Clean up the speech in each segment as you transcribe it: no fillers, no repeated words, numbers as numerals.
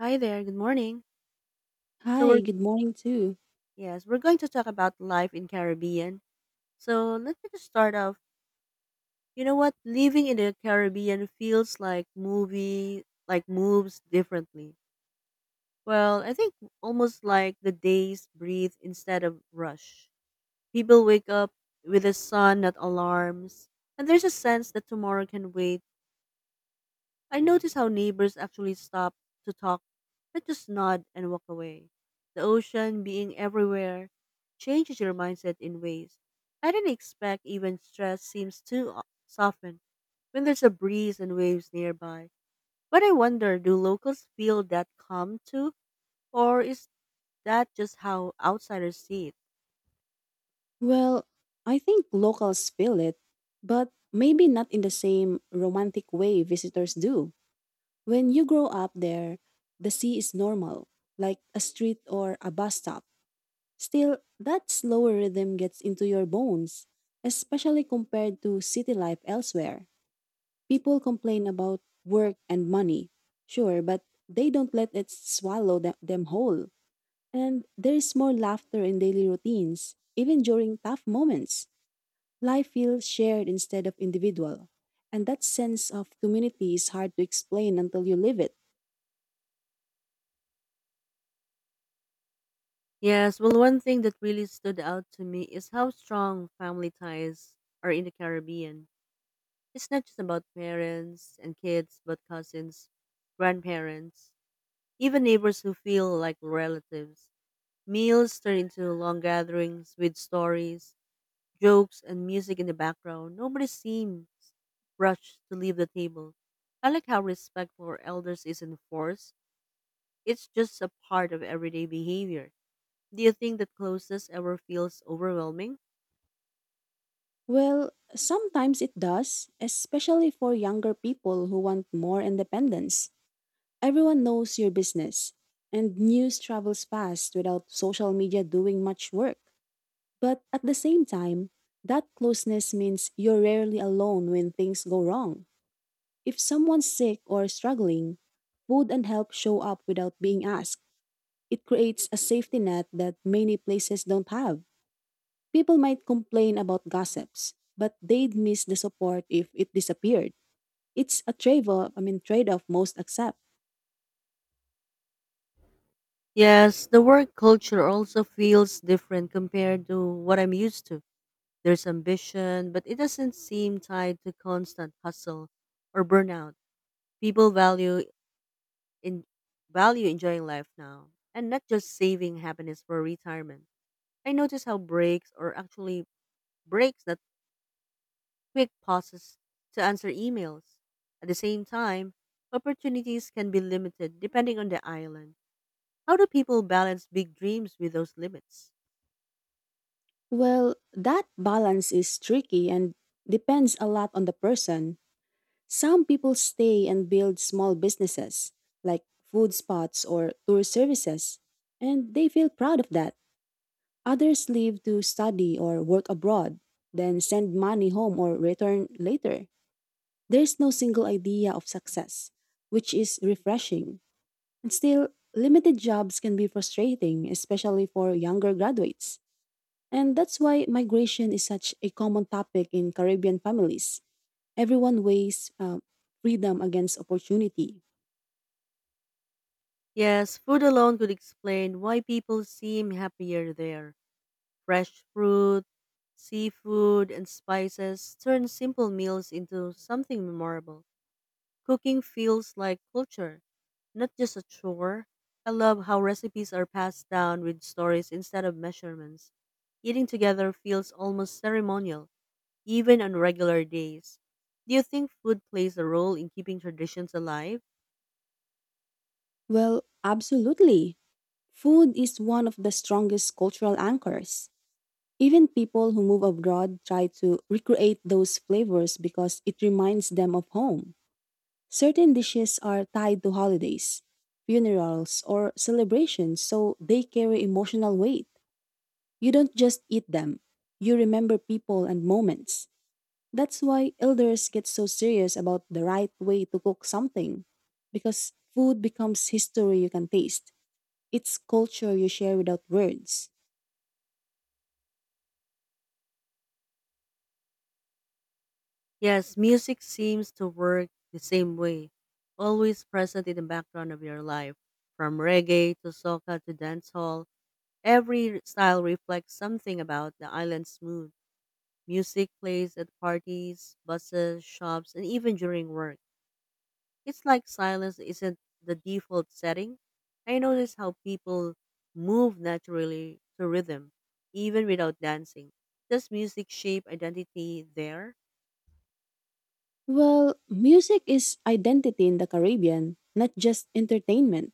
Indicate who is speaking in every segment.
Speaker 1: Hi there, good morning. So we're
Speaker 2: Hi, good morning too.
Speaker 1: yes, we're going to talk about life in Caribbean. So let me just start off. You know what? Living in the Caribbean feels like movie like moves differently. Well, I think almost like the days breathe instead of rush. People wake up with the sun, not alarms. And there's a sense that tomorrow can wait. I notice how neighbors actually stop to talk, not just nod and walk away. The ocean being everywhere changes your mindset in ways I didn't expect. Even stress seems to soften when there's a breeze and waves nearby. But I wonder, do locals feel that calm too, or is that just how outsiders see it?
Speaker 2: Well, I think locals feel it, but maybe not in the same romantic way visitors do. When you grow up there, the sea is normal, like a street or a bus stop. Still, that slower rhythm gets into your bones, especially compared to city life elsewhere. People complain about work and money, sure, but they don't let it swallow them whole. And there is more laughter in daily routines, even during tough moments. Life feels shared instead of individual. And that sense of community is hard to explain until you live it.
Speaker 1: Yes, well, one thing that really stood out to me is how strong family ties are in the Caribbean. It's not just about parents and kids, but cousins, grandparents, even neighbors who feel like relatives. Meals turn into long gatherings with stories, jokes, and music in the background. Nobody seems rushed to leave the table. I like how respect for elders is enforced. It's just a part of everyday behavior. Do you think that closeness ever feels overwhelming?
Speaker 2: Well, sometimes it does, especially for younger people who want more independence. Everyone knows your business, and news travels fast without social media doing much work. But at the same time, that closeness means you're rarely alone when things go wrong. If someone's sick or struggling, food and help show up without being asked. It creates a safety net that many places don't have. People might complain about gossips, but they'd miss the support if it disappeared. It's a trade-off, I mean trade-off most accept.
Speaker 1: Yes, the work culture also feels different compared to what I'm used to. There's ambition, but it doesn't seem tied to constant hustle or burnout. People in value enjoying life now and not just saving happiness for retirement. I notice how breaks or actually breaks that quick pauses to answer emails. At the same time, opportunities can be limited depending on the island. How do people balance big dreams with those limits?
Speaker 2: Well, that balance is tricky and depends a lot on the person. Some people stay and build small businesses like food spots or tour services, and they feel proud of that. Others leave to study or work abroad, then send money home or return later. There's no single idea of success, which is refreshing. And still, limited jobs can be frustrating, especially for younger graduates. And that's why migration is such a common topic in Caribbean families. Everyone weighs freedom against opportunity.
Speaker 1: Yes, food alone could explain why people seem happier there. Fresh fruit, seafood, and spices turn simple meals into something memorable. Cooking feels like culture, not just a chore. I love how recipes are passed down with stories instead of measurements. Eating together feels almost ceremonial, even on regular days. Do you think food plays a role in keeping traditions alive?
Speaker 2: Well, absolutely. Food is one of the strongest cultural anchors. Even people who move abroad try to recreate those flavors because it reminds them of home. Certain dishes are tied to holidays, funerals, or celebrations, so they carry emotional weight. You don't just eat them, you remember people and moments. That's why elders get so serious about the right way to cook something, because food becomes history you can taste. It's culture you share without words.
Speaker 1: Yes, music seems to work the same way, always present in the background of your life. From reggae to soca to dancehall, every style reflects something about the island's mood. Music plays at parties, buses, shops, and even during work. It's like silence isn't the default setting. I notice how people move naturally to rhythm, even without dancing. Does music shape identity there?
Speaker 2: Well, music is identity in the Caribbean, not just entertainment.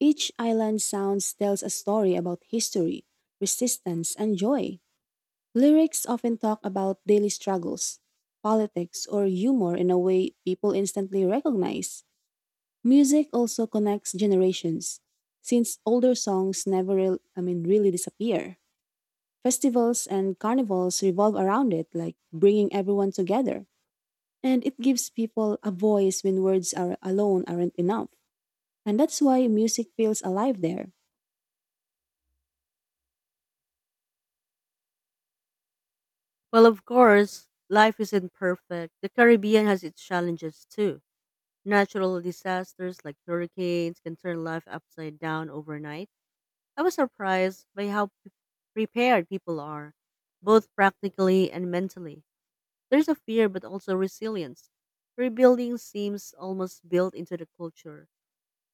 Speaker 2: Each island sounds tells a story about history, resistance, and joy. Lyrics often talk about daily struggles, politics, or humor in a way people instantly recognize. Music also connects generations, since older songs never really disappear. Festivals and carnivals revolve around it, like bringing everyone together, and it gives people a voice when words are alone aren't enough. And that's why music feels alive there.
Speaker 1: Well, of course, life isn't perfect. The Caribbean has its challenges too. Natural disasters like hurricanes can turn life upside down overnight. I was surprised by how prepared people are, both practically and mentally. There's a fear, but also resilience. Rebuilding seems almost built into the culture.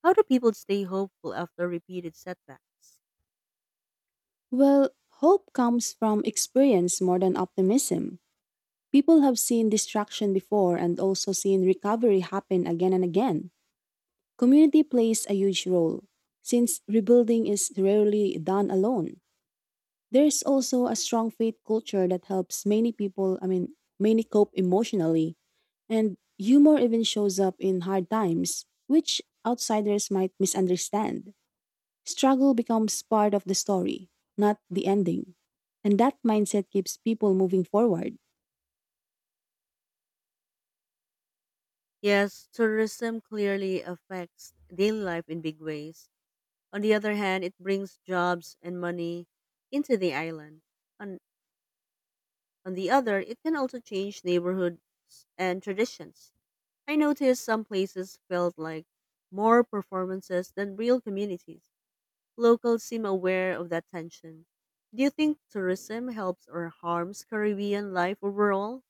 Speaker 1: How do people stay hopeful after repeated setbacks?
Speaker 2: Well, hope comes from experience more than optimism. People have seen destruction before and also seen recovery happen again and again. Community plays a huge role, since rebuilding is rarely done alone. There's also a strong faith culture that helps many people, I mean, many cope emotionally. And humor even shows up in hard times, which outsiders might misunderstand. Struggle becomes part of the story, not the ending. And that mindset keeps people moving forward.
Speaker 1: Yes, tourism clearly affects daily life in big ways. On the other hand, it brings jobs and money into the island. On, on the other, it can also change neighborhoods and traditions. I noticed some places felt like more performances than real communities. Locals seem aware of that tension. Do you think tourism helps or harms Caribbean life overall?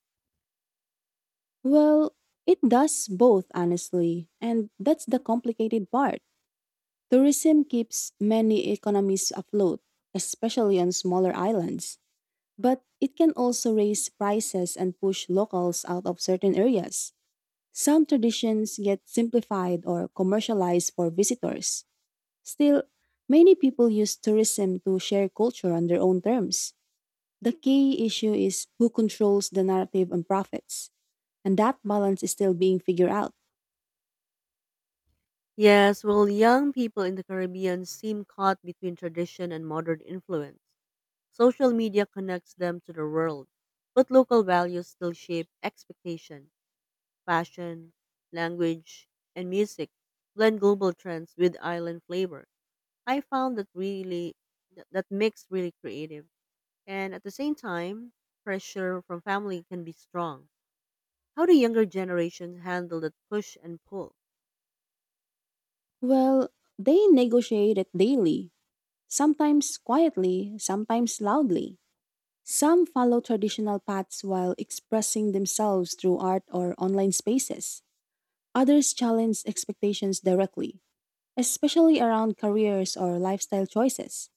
Speaker 2: Well, it does both, honestly. And that's the complicated part. Tourism keeps many economies afloat, especially on smaller islands. But it can also raise prices and push locals out of certain areas. Some traditions get simplified or commercialized for visitors. Still, many people use tourism to share culture on their own terms. The key issue is who controls the narrative and profits, and that balance is still being figured out.
Speaker 1: Yes, well, young people in the Caribbean seem caught between tradition and modern influence. Social media connects them to the world, but local values still shape expectation. Fashion, language, and music blend global trends with island flavor. I found that mix really creative, and at the same time, pressure from family can be strong. How do younger generations handle that push and pull?
Speaker 2: Well, they negotiate it daily, sometimes quietly, sometimes loudly. Some follow traditional paths while expressing themselves through art or online spaces. Others challenge expectations directly, especially around careers or lifestyle choices.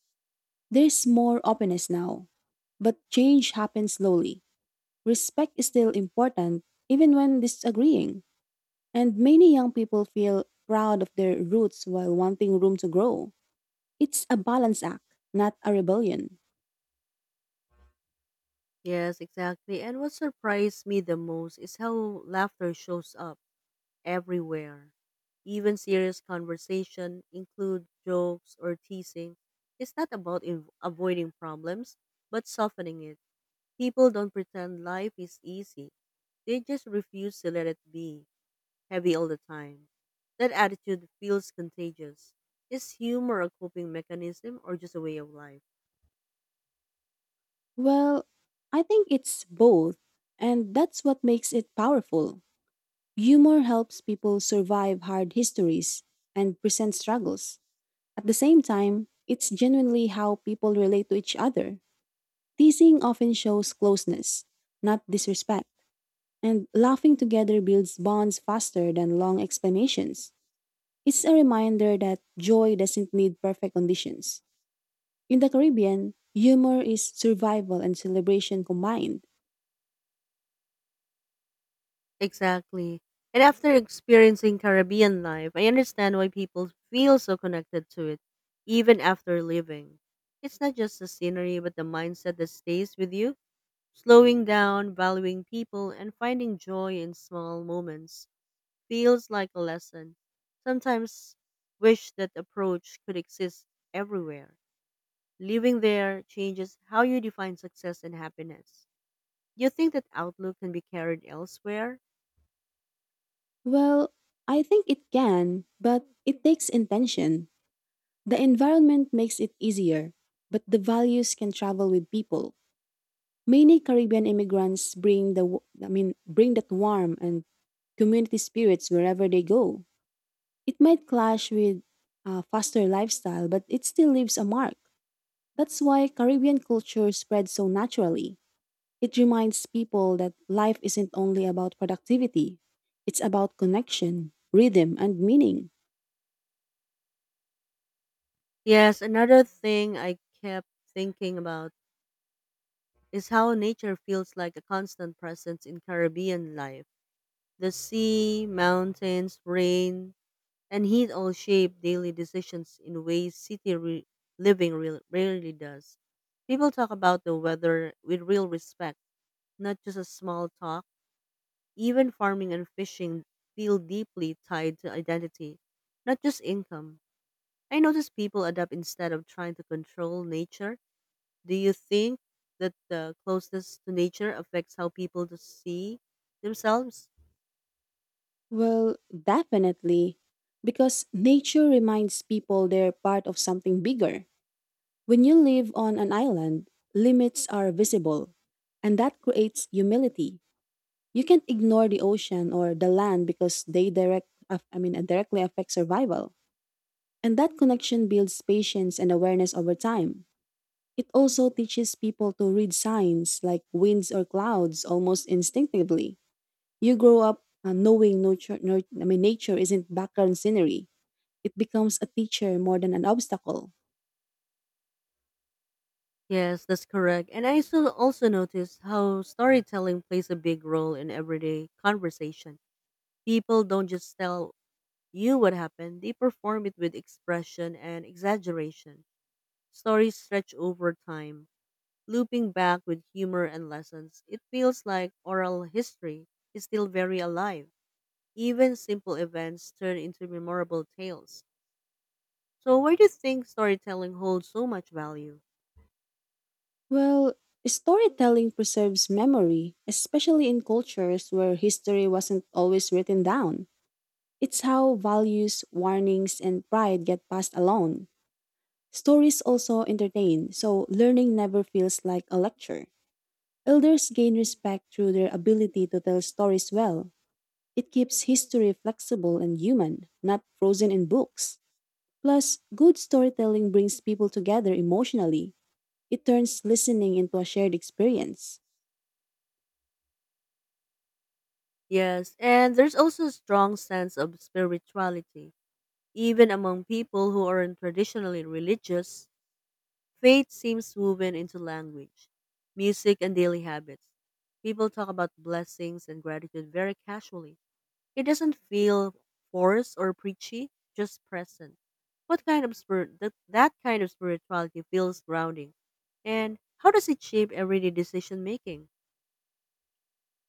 Speaker 2: There's more openness now. But change happens slowly. Respect is still important, even when disagreeing. And many young people feel proud of their roots while wanting room to grow. It's a balance act, not a rebellion.
Speaker 1: Yes, exactly. And what surprised me the most is how laughter shows up everywhere. Even serious conversation include jokes or teasing. It's not about avoiding problems, but softening it. People don't pretend life is easy. They just refuse to let it be heavy all the time. That attitude feels contagious. Is humor a coping mechanism or just a way of life?
Speaker 2: Well, I think it's both, and that's what makes it powerful. Humor helps people survive hard histories and present struggles. At the same time, it's genuinely how people relate to each other. Teasing often shows closeness, not disrespect, and laughing together builds bonds faster than long explanations. It's a reminder that joy doesn't need perfect conditions. In the Caribbean, humor is survival and celebration combined.
Speaker 1: Exactly. And after experiencing Caribbean life, I understand why people feel so connected to it, even after leaving. It's not just the scenery, but the mindset that stays with you, slowing down, valuing people, and finding joy in small moments feels like a lesson. Sometimes wish that approach could exist everywhere. Living there changes how you define success and happiness. Do you think that outlook can be carried elsewhere?
Speaker 2: Well, I think it can, but it takes intention. The environment makes it easier, but the values can travel with people. Many Caribbean immigrants bring the w- I mean bring that warm and community spirits wherever they go. It might clash with a faster lifestyle, but it still leaves a mark. That's why Caribbean culture spreads so naturally. It reminds people that life isn't only about productivity. It's about connection, rhythm, and meaning.
Speaker 1: Yes, another thing I kept thinking about is how nature feels like a constant presence in Caribbean life. The sea, mountains, rain, and heat all shape daily decisions in ways city re- living re- rarely does. People talk about the weather with real respect, not just a small talk. Even farming and fishing feel deeply tied to identity, not just income. I notice people adapt instead of trying to control nature. Do you think that the closeness to nature affects how people to see themselves?
Speaker 2: Well, definitely. Because nature reminds people they're part of something bigger. When you live on an island, limits are visible, and that creates humility. You can't ignore the ocean or the land because they directly affect survival. And that connection builds patience and awareness over time. It also teaches people to read signs like winds or clouds almost instinctively. You grow up knowing nurture, nur- I mean, nature isn't background scenery. It becomes a teacher more than an obstacle.
Speaker 1: Yes, that's correct. And I also noticed how storytelling plays a big role in everyday conversation. People don't just tell you what happened, they perform it with expression and exaggeration. Stories stretch over time, looping back with humor and lessons. It feels like oral history is still very alive. Even simple events turn into memorable tales. So why do you think storytelling holds so much value?
Speaker 2: Well, storytelling preserves memory, especially in cultures where history wasn't always written down. It's how values, warnings, and pride get passed along. Stories also entertain, so learning never feels like a lecture. Elders gain respect through their ability to tell stories well. It keeps history flexible and human, not frozen in books. Plus, good storytelling brings people together emotionally. It turns listening into a shared experience.
Speaker 1: Yes, and there's also a strong sense of spirituality. Even among people who aren't traditionally religious, faith seems woven into language, music, and daily habits. People talk about blessings and gratitude very casually. It doesn't feel forced or preachy, just present. What kind of spirituality feels grounding? And how does it shape everyday decision making?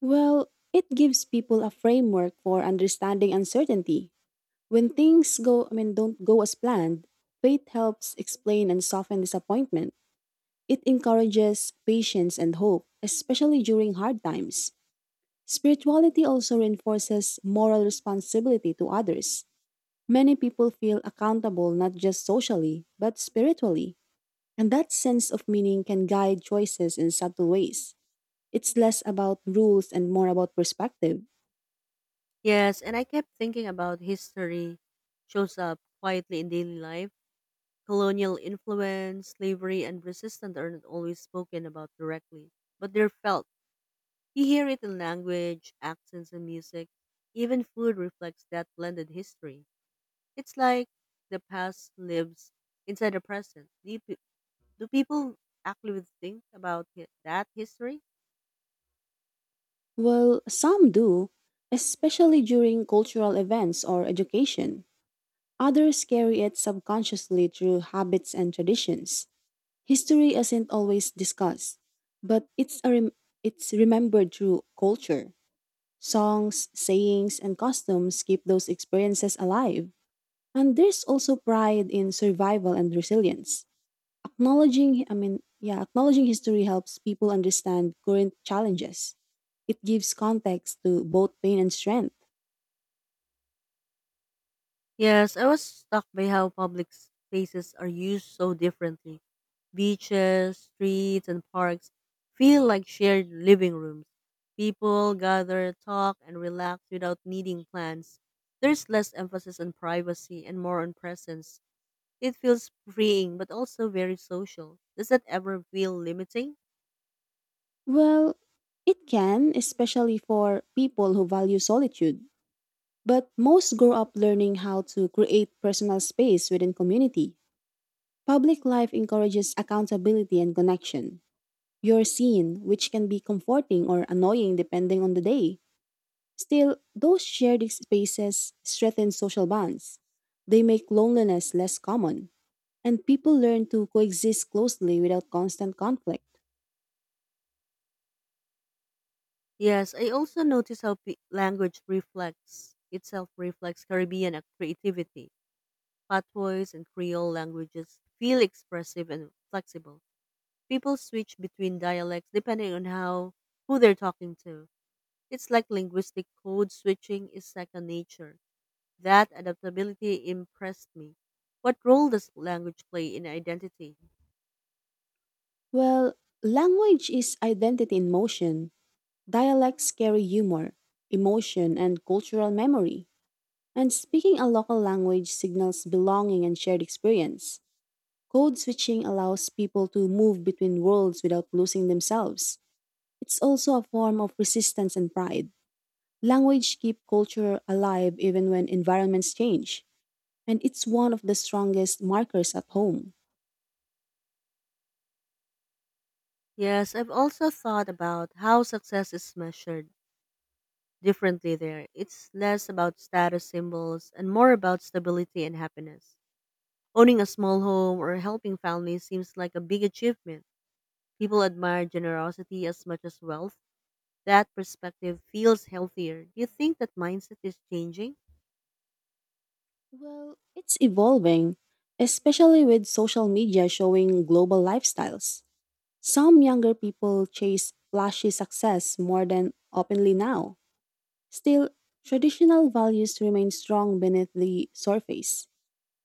Speaker 2: Well, it gives people a framework for understanding uncertainty. When things don't go as planned, faith helps explain and soften disappointment. It encourages patience and hope, especially during hard times. Spirituality also reinforces moral responsibility to others. Many people feel accountable not just socially, but spiritually. And that sense of meaning can guide choices in subtle ways. It's less about rules and more about perspective.
Speaker 1: Yes, and I kept thinking about history shows up quietly in daily life. Colonial influence, slavery, and resistance aren't always spoken about directly, but they're felt. You hear it in language, accents, and music. Even food reflects that blended history. It's like the past lives inside the present. Do people actually think about that history?
Speaker 2: Well, some do, especially during cultural events or education. Others carry it subconsciously through habits and traditions. History isn't always discussed, but it's remembered through culture. Songs, sayings, and customs keep those experiences alive. And there's also pride in survival and resilience. Acknowledging, I mean, yeah, Acknowledging history helps people understand current challenges. It gives context to both pain and strength.
Speaker 1: Yes, I was struck by how public spaces are used so differently. Beaches, streets, and parks feel like shared living rooms. People gather, talk, and relax without needing plans. There's less emphasis on privacy and more on presence. It feels freeing but also very social. Does that ever feel limiting?
Speaker 2: Well, it can, especially for people who value solitude. But most grow up learning how to create personal space within community. Public life encourages accountability and connection. You're seen, which can be comforting or annoying depending on the day. Still, those shared spaces strengthen social bonds. They make loneliness less common, and people learn to coexist closely without constant conflict.
Speaker 1: Yes, I also notice how pe- language reflects itself reflects Caribbean creativity. Patois and Creole languages feel expressive and flexible. People switch between dialects depending on how who they're talking to. It's like linguistic code switching is second nature. That adaptability impressed me. What role does language play in identity?
Speaker 2: Well, language is identity in motion. Dialects carry humor, emotion, and cultural memory. And speaking a local language signals belonging and shared experience. Code switching allows people to move between worlds without losing themselves. It's also a form of resistance and pride. Language keep culture alive even when environments change, and it's one of the strongest markers at home.
Speaker 1: Yes, I've also thought about how success is measured differently there. It's less about status symbols and more about stability and happiness. Owning a small home or helping families seems like a big achievement. People admire generosity as much as wealth. That perspective feels healthier. Do you think that mindset is changing?
Speaker 2: Well, it's evolving, especially with social media showing global lifestyles. Some younger people chase flashy success more than openly now. Still, traditional values remain strong beneath the surface.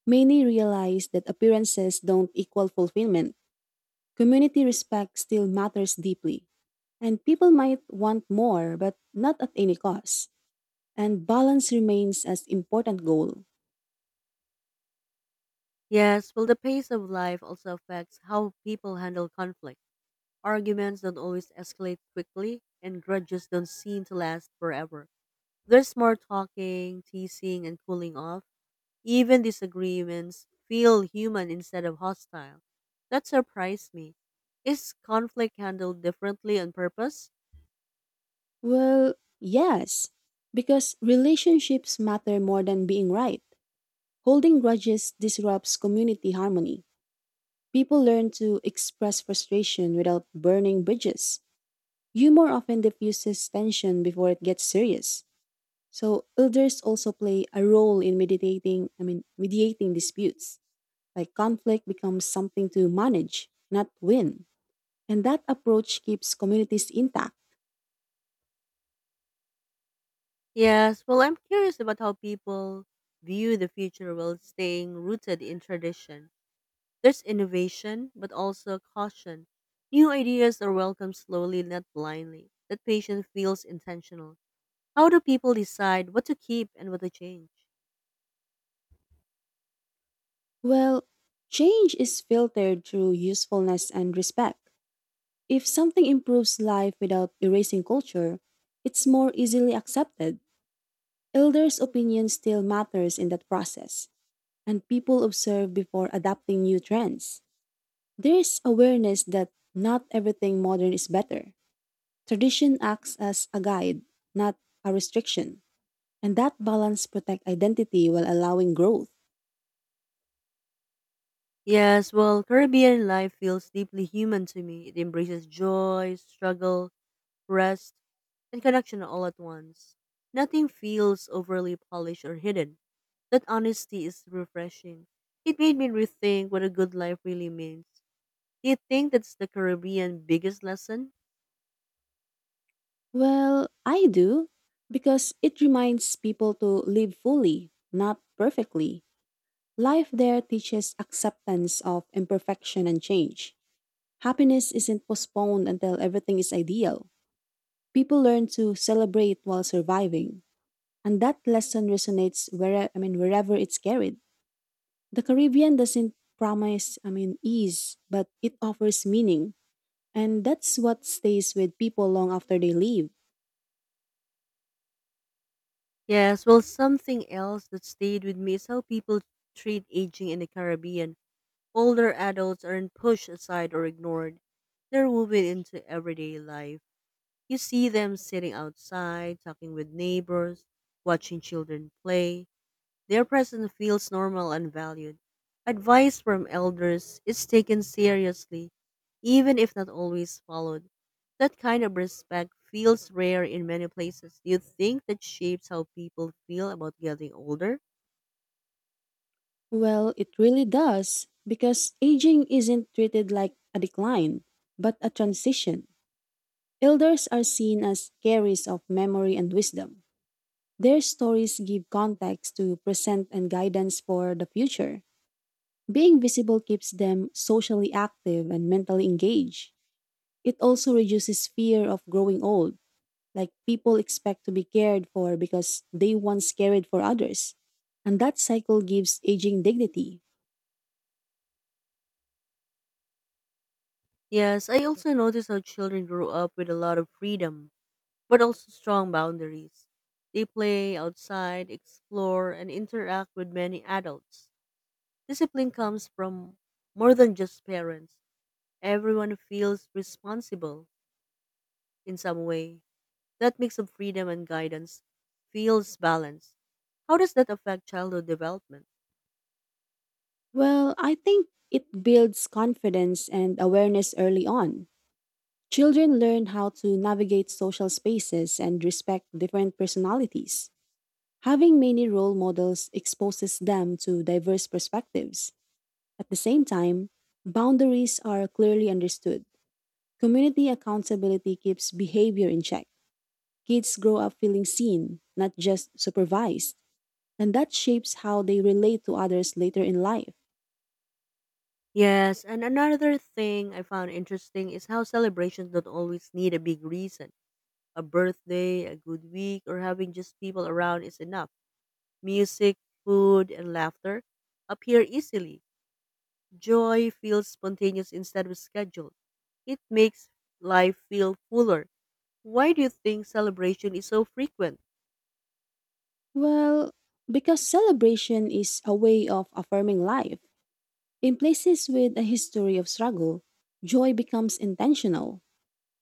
Speaker 2: Many realize that appearances don't equal fulfillment. Community respect still matters deeply, and people might want more, but not at any cost. And balance remains as important goal.
Speaker 1: Yes, well, the pace of life also affects how people handle conflict. Arguments don't always escalate quickly, and grudges don't seem to last forever. There's more talking, teasing, and cooling off. Even disagreements feel human instead of hostile. That surprised me. Is conflict handled differently on purpose?
Speaker 2: Well, yes, because relationships matter more than being right. Holding grudges disrupts community harmony. People learn to express frustration without burning bridges. Humor often diffuses tension before it gets serious. So elders also play a role in mediating disputes. Like conflict becomes something to manage, not win. And that approach keeps communities intact.
Speaker 1: Yes, well, I'm curious about how people view the future while staying rooted in tradition. There's innovation, but also caution. New ideas are welcomed slowly, not blindly. That patient feels intentional. How do people decide what to keep and what to change?
Speaker 2: Well, change is filtered through usefulness and respect. If something improves life without erasing culture, it's more easily accepted. Elders' opinion still matters in that process, and people observe before adapting new trends. There's awareness that not everything modern is better. Tradition acts as a guide, not a restriction. And that balance protect identity while allowing growth.
Speaker 1: Yes, well, Caribbean life feels deeply human to me. It embraces joy, struggle, rest, and connection all at once. Nothing feels overly polished or hidden. That honesty is refreshing. It made me rethink what a good life really means. Do you think that's the Caribbean biggest lesson?
Speaker 2: Well, I do because it reminds people to live fully, not perfectly. Life there teaches acceptance of imperfection and change. Happiness isn't postponed until everything is ideal. People learn to celebrate while surviving, and that lesson resonates wherever it's carried. The Caribbean doesn't promise ease, but it offers meaning. And that's what stays with people long after they leave.
Speaker 1: Yes, well, something else that stayed with me is how people treat aging in the Caribbean. Older adults aren't pushed aside or ignored, they're woven into everyday life. You see them sitting outside, talking with neighbors, watching children play. Their presence feels normal and valued. Advice from elders is taken seriously, even if not always followed. That kind of respect feels rare in many places. Do you think that shapes how people feel about getting older?
Speaker 2: Well, it really does, because aging isn't treated like a decline, but a transition. Elders are seen as carriers of memory and wisdom. Their stories give context to present and guidance for the future. Being visible keeps them socially active and mentally engaged. It also reduces fear of growing old, like people expect to be cared for because they once cared for others. And that cycle gives aging dignity.
Speaker 1: Yes, I also notice how children grow up with a lot of freedom, but also strong boundaries. They play outside, explore, and interact with many adults. Discipline comes from more than just parents. Everyone feels responsible in some way. That mix of freedom and guidance feels balanced. How does that affect childhood development?
Speaker 2: Well, I think it builds confidence and awareness early on. Children learn how to navigate social spaces and respect different personalities. Having many role models exposes them to diverse perspectives. At the same time, boundaries are clearly understood. Community accountability keeps behavior in check. Kids grow up feeling seen, not just supervised, and that shapes how they relate to others later in life.
Speaker 1: Yes, and another thing I found interesting is how celebrations don't always need a big reason. A birthday, a good week, or having just people around is enough. Music, food, and laughter appear easily. Joy feels spontaneous instead of scheduled. It makes life feel fuller. Why do you think celebration is so frequent?
Speaker 2: Well, because celebration is a way of affirming life. In places with a history of struggle, joy becomes intentional,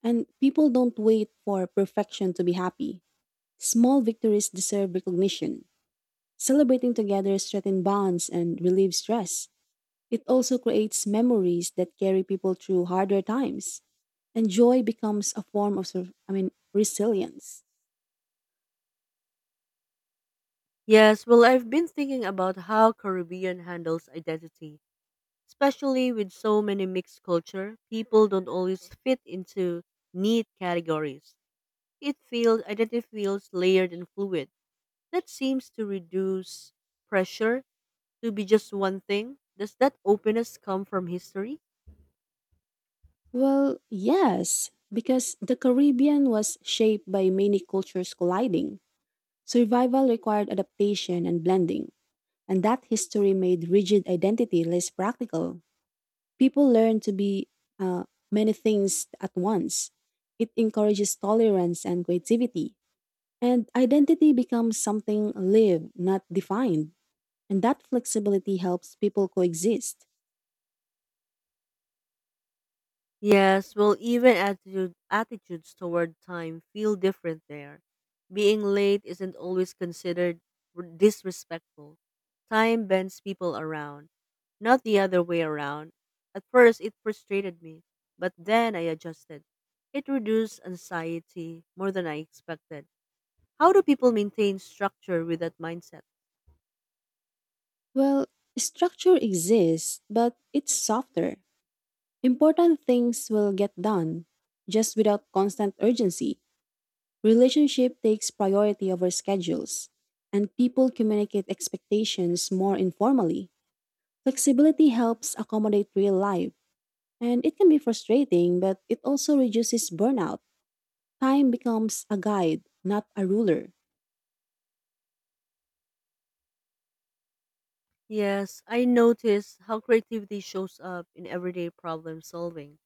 Speaker 2: and people don't wait for perfection to be happy. Small victories deserve recognition. Celebrating together strengthens bonds and relieves stress. It also creates memories that carry people through harder times. And joy becomes a form of resilience.
Speaker 1: Yes, well, I've been thinking about how Caribbean handles identity, especially with so many mixed culture. People don't always fit into neat categories. It feels identity feels layered and fluid. That seems to reduce pressure to be just one thing. Does that openness come from history?
Speaker 2: Well, yes, because the Caribbean was shaped by many cultures colliding. Survival required adaptation and blending, and that history made rigid identity less practical. People learn to be uh, many things at once. It encourages tolerance and creativity. And identity becomes something lived, not defined. And that flexibility helps people coexist.
Speaker 1: Yes, well, attitudes toward time feel different there. Being late isn't always considered disrespectful. Time bends people around, not the other way around. At first, it frustrated me, but then I adjusted. It reduced anxiety more than I expected. How do people maintain structure with that mindset?
Speaker 2: Well, structure exists, but it's softer. Important things will get done, just without constant urgency. Relationship takes priority over schedules, and people communicate expectations more informally. Flexibility helps accommodate real life, and it can be frustrating, but it also reduces burnout. Time becomes a guide, not a ruler.
Speaker 1: Yes, I notice how creativity shows up in everyday problem solving.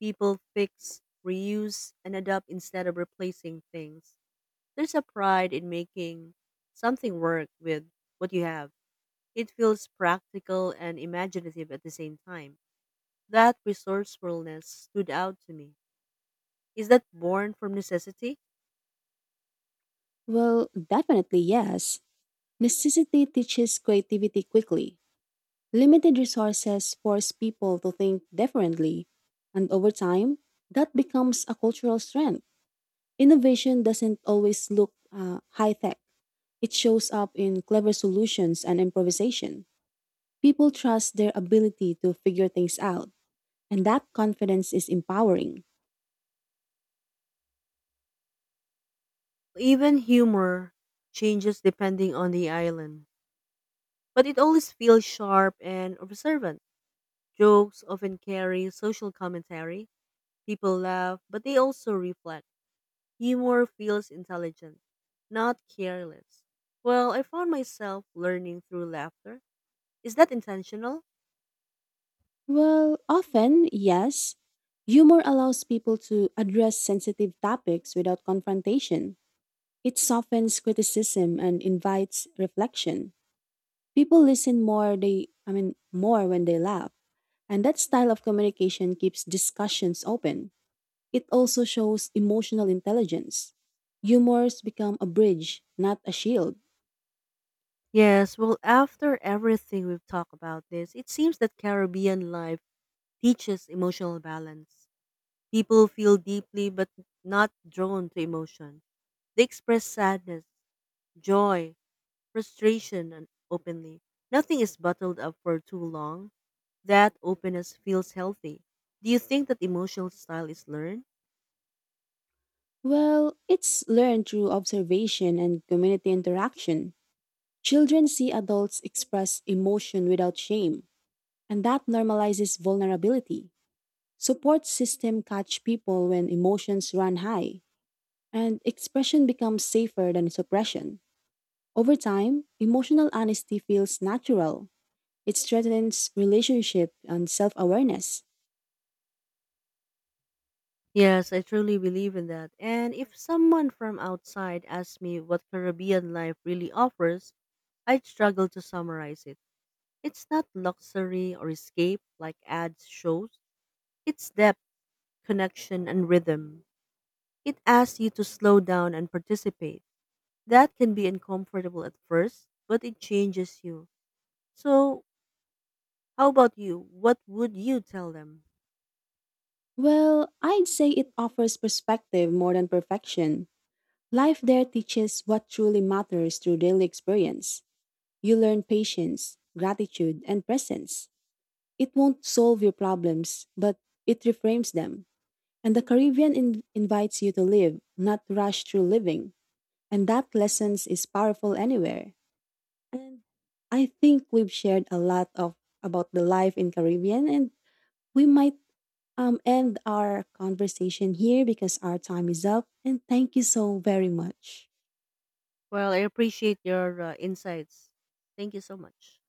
Speaker 1: People fix, reuse, and adapt instead of replacing things. There's a pride in making something work with what you have. It feels practical and imaginative at the same time. That resourcefulness stood out to me. Is that born from necessity?
Speaker 2: Well, definitely yes. Necessity teaches creativity quickly. Limited resources force people to think differently. And over time, that becomes a cultural strength. Innovation doesn't always look high tech, it shows up in clever solutions and improvisation. People trust their ability to figure things out, and that confidence is empowering.
Speaker 1: Even humor changes depending on the island, but it always feels sharp and observant. Jokes often carry social commentary. People laugh, but they also reflect. Humor feels intelligent, not careless. Well, I found myself learning through laughter. Is that intentional?
Speaker 2: Well, often, yes. Humor allows people to address sensitive topics without confrontation. It softens criticism and invites reflection. People listen more when they laugh. And that style of communication keeps discussions open. It also shows emotional intelligence. Humors become a bridge, not a shield.
Speaker 1: Yes, well, after everything we've talked about this, it seems that Caribbean life teaches emotional balance. People feel deeply but not drawn to emotion. They express sadness, joy, frustration, and openly. Nothing is bottled up for too long. That openness feels healthy. Do you think that emotional style is learned?
Speaker 2: Well, it's learned through observation and community interaction. Children see adults express emotion without shame, and that normalizes vulnerability. Support system catch people when emotions run high, and expression becomes safer than suppression. Over time, emotional honesty feels natural. It strengthens relationship and self-awareness.
Speaker 1: Yes, I truly believe in that. And if someone from outside asks me what Caribbean life really offers, I'd struggle to summarize it. It's not luxury or escape like ads shows. It's depth, connection, and rhythm. It asks you to slow down and participate. That can be uncomfortable at first, but it changes you. So, how about you? What would you tell them?
Speaker 2: Well, I'd say it offers perspective more than perfection. Life there teaches what truly matters through daily experience. You learn patience, gratitude, and presence. It won't solve your problems, but it reframes them. And the Caribbean invites you to live, not to rush through living. And that lessons is powerful anywhere. And I think we've shared a lot of about the life in Caribbean, and we might end our conversation here because our time is up. And thank you so very much.
Speaker 1: Well, I appreciate your insights. Thank you so much.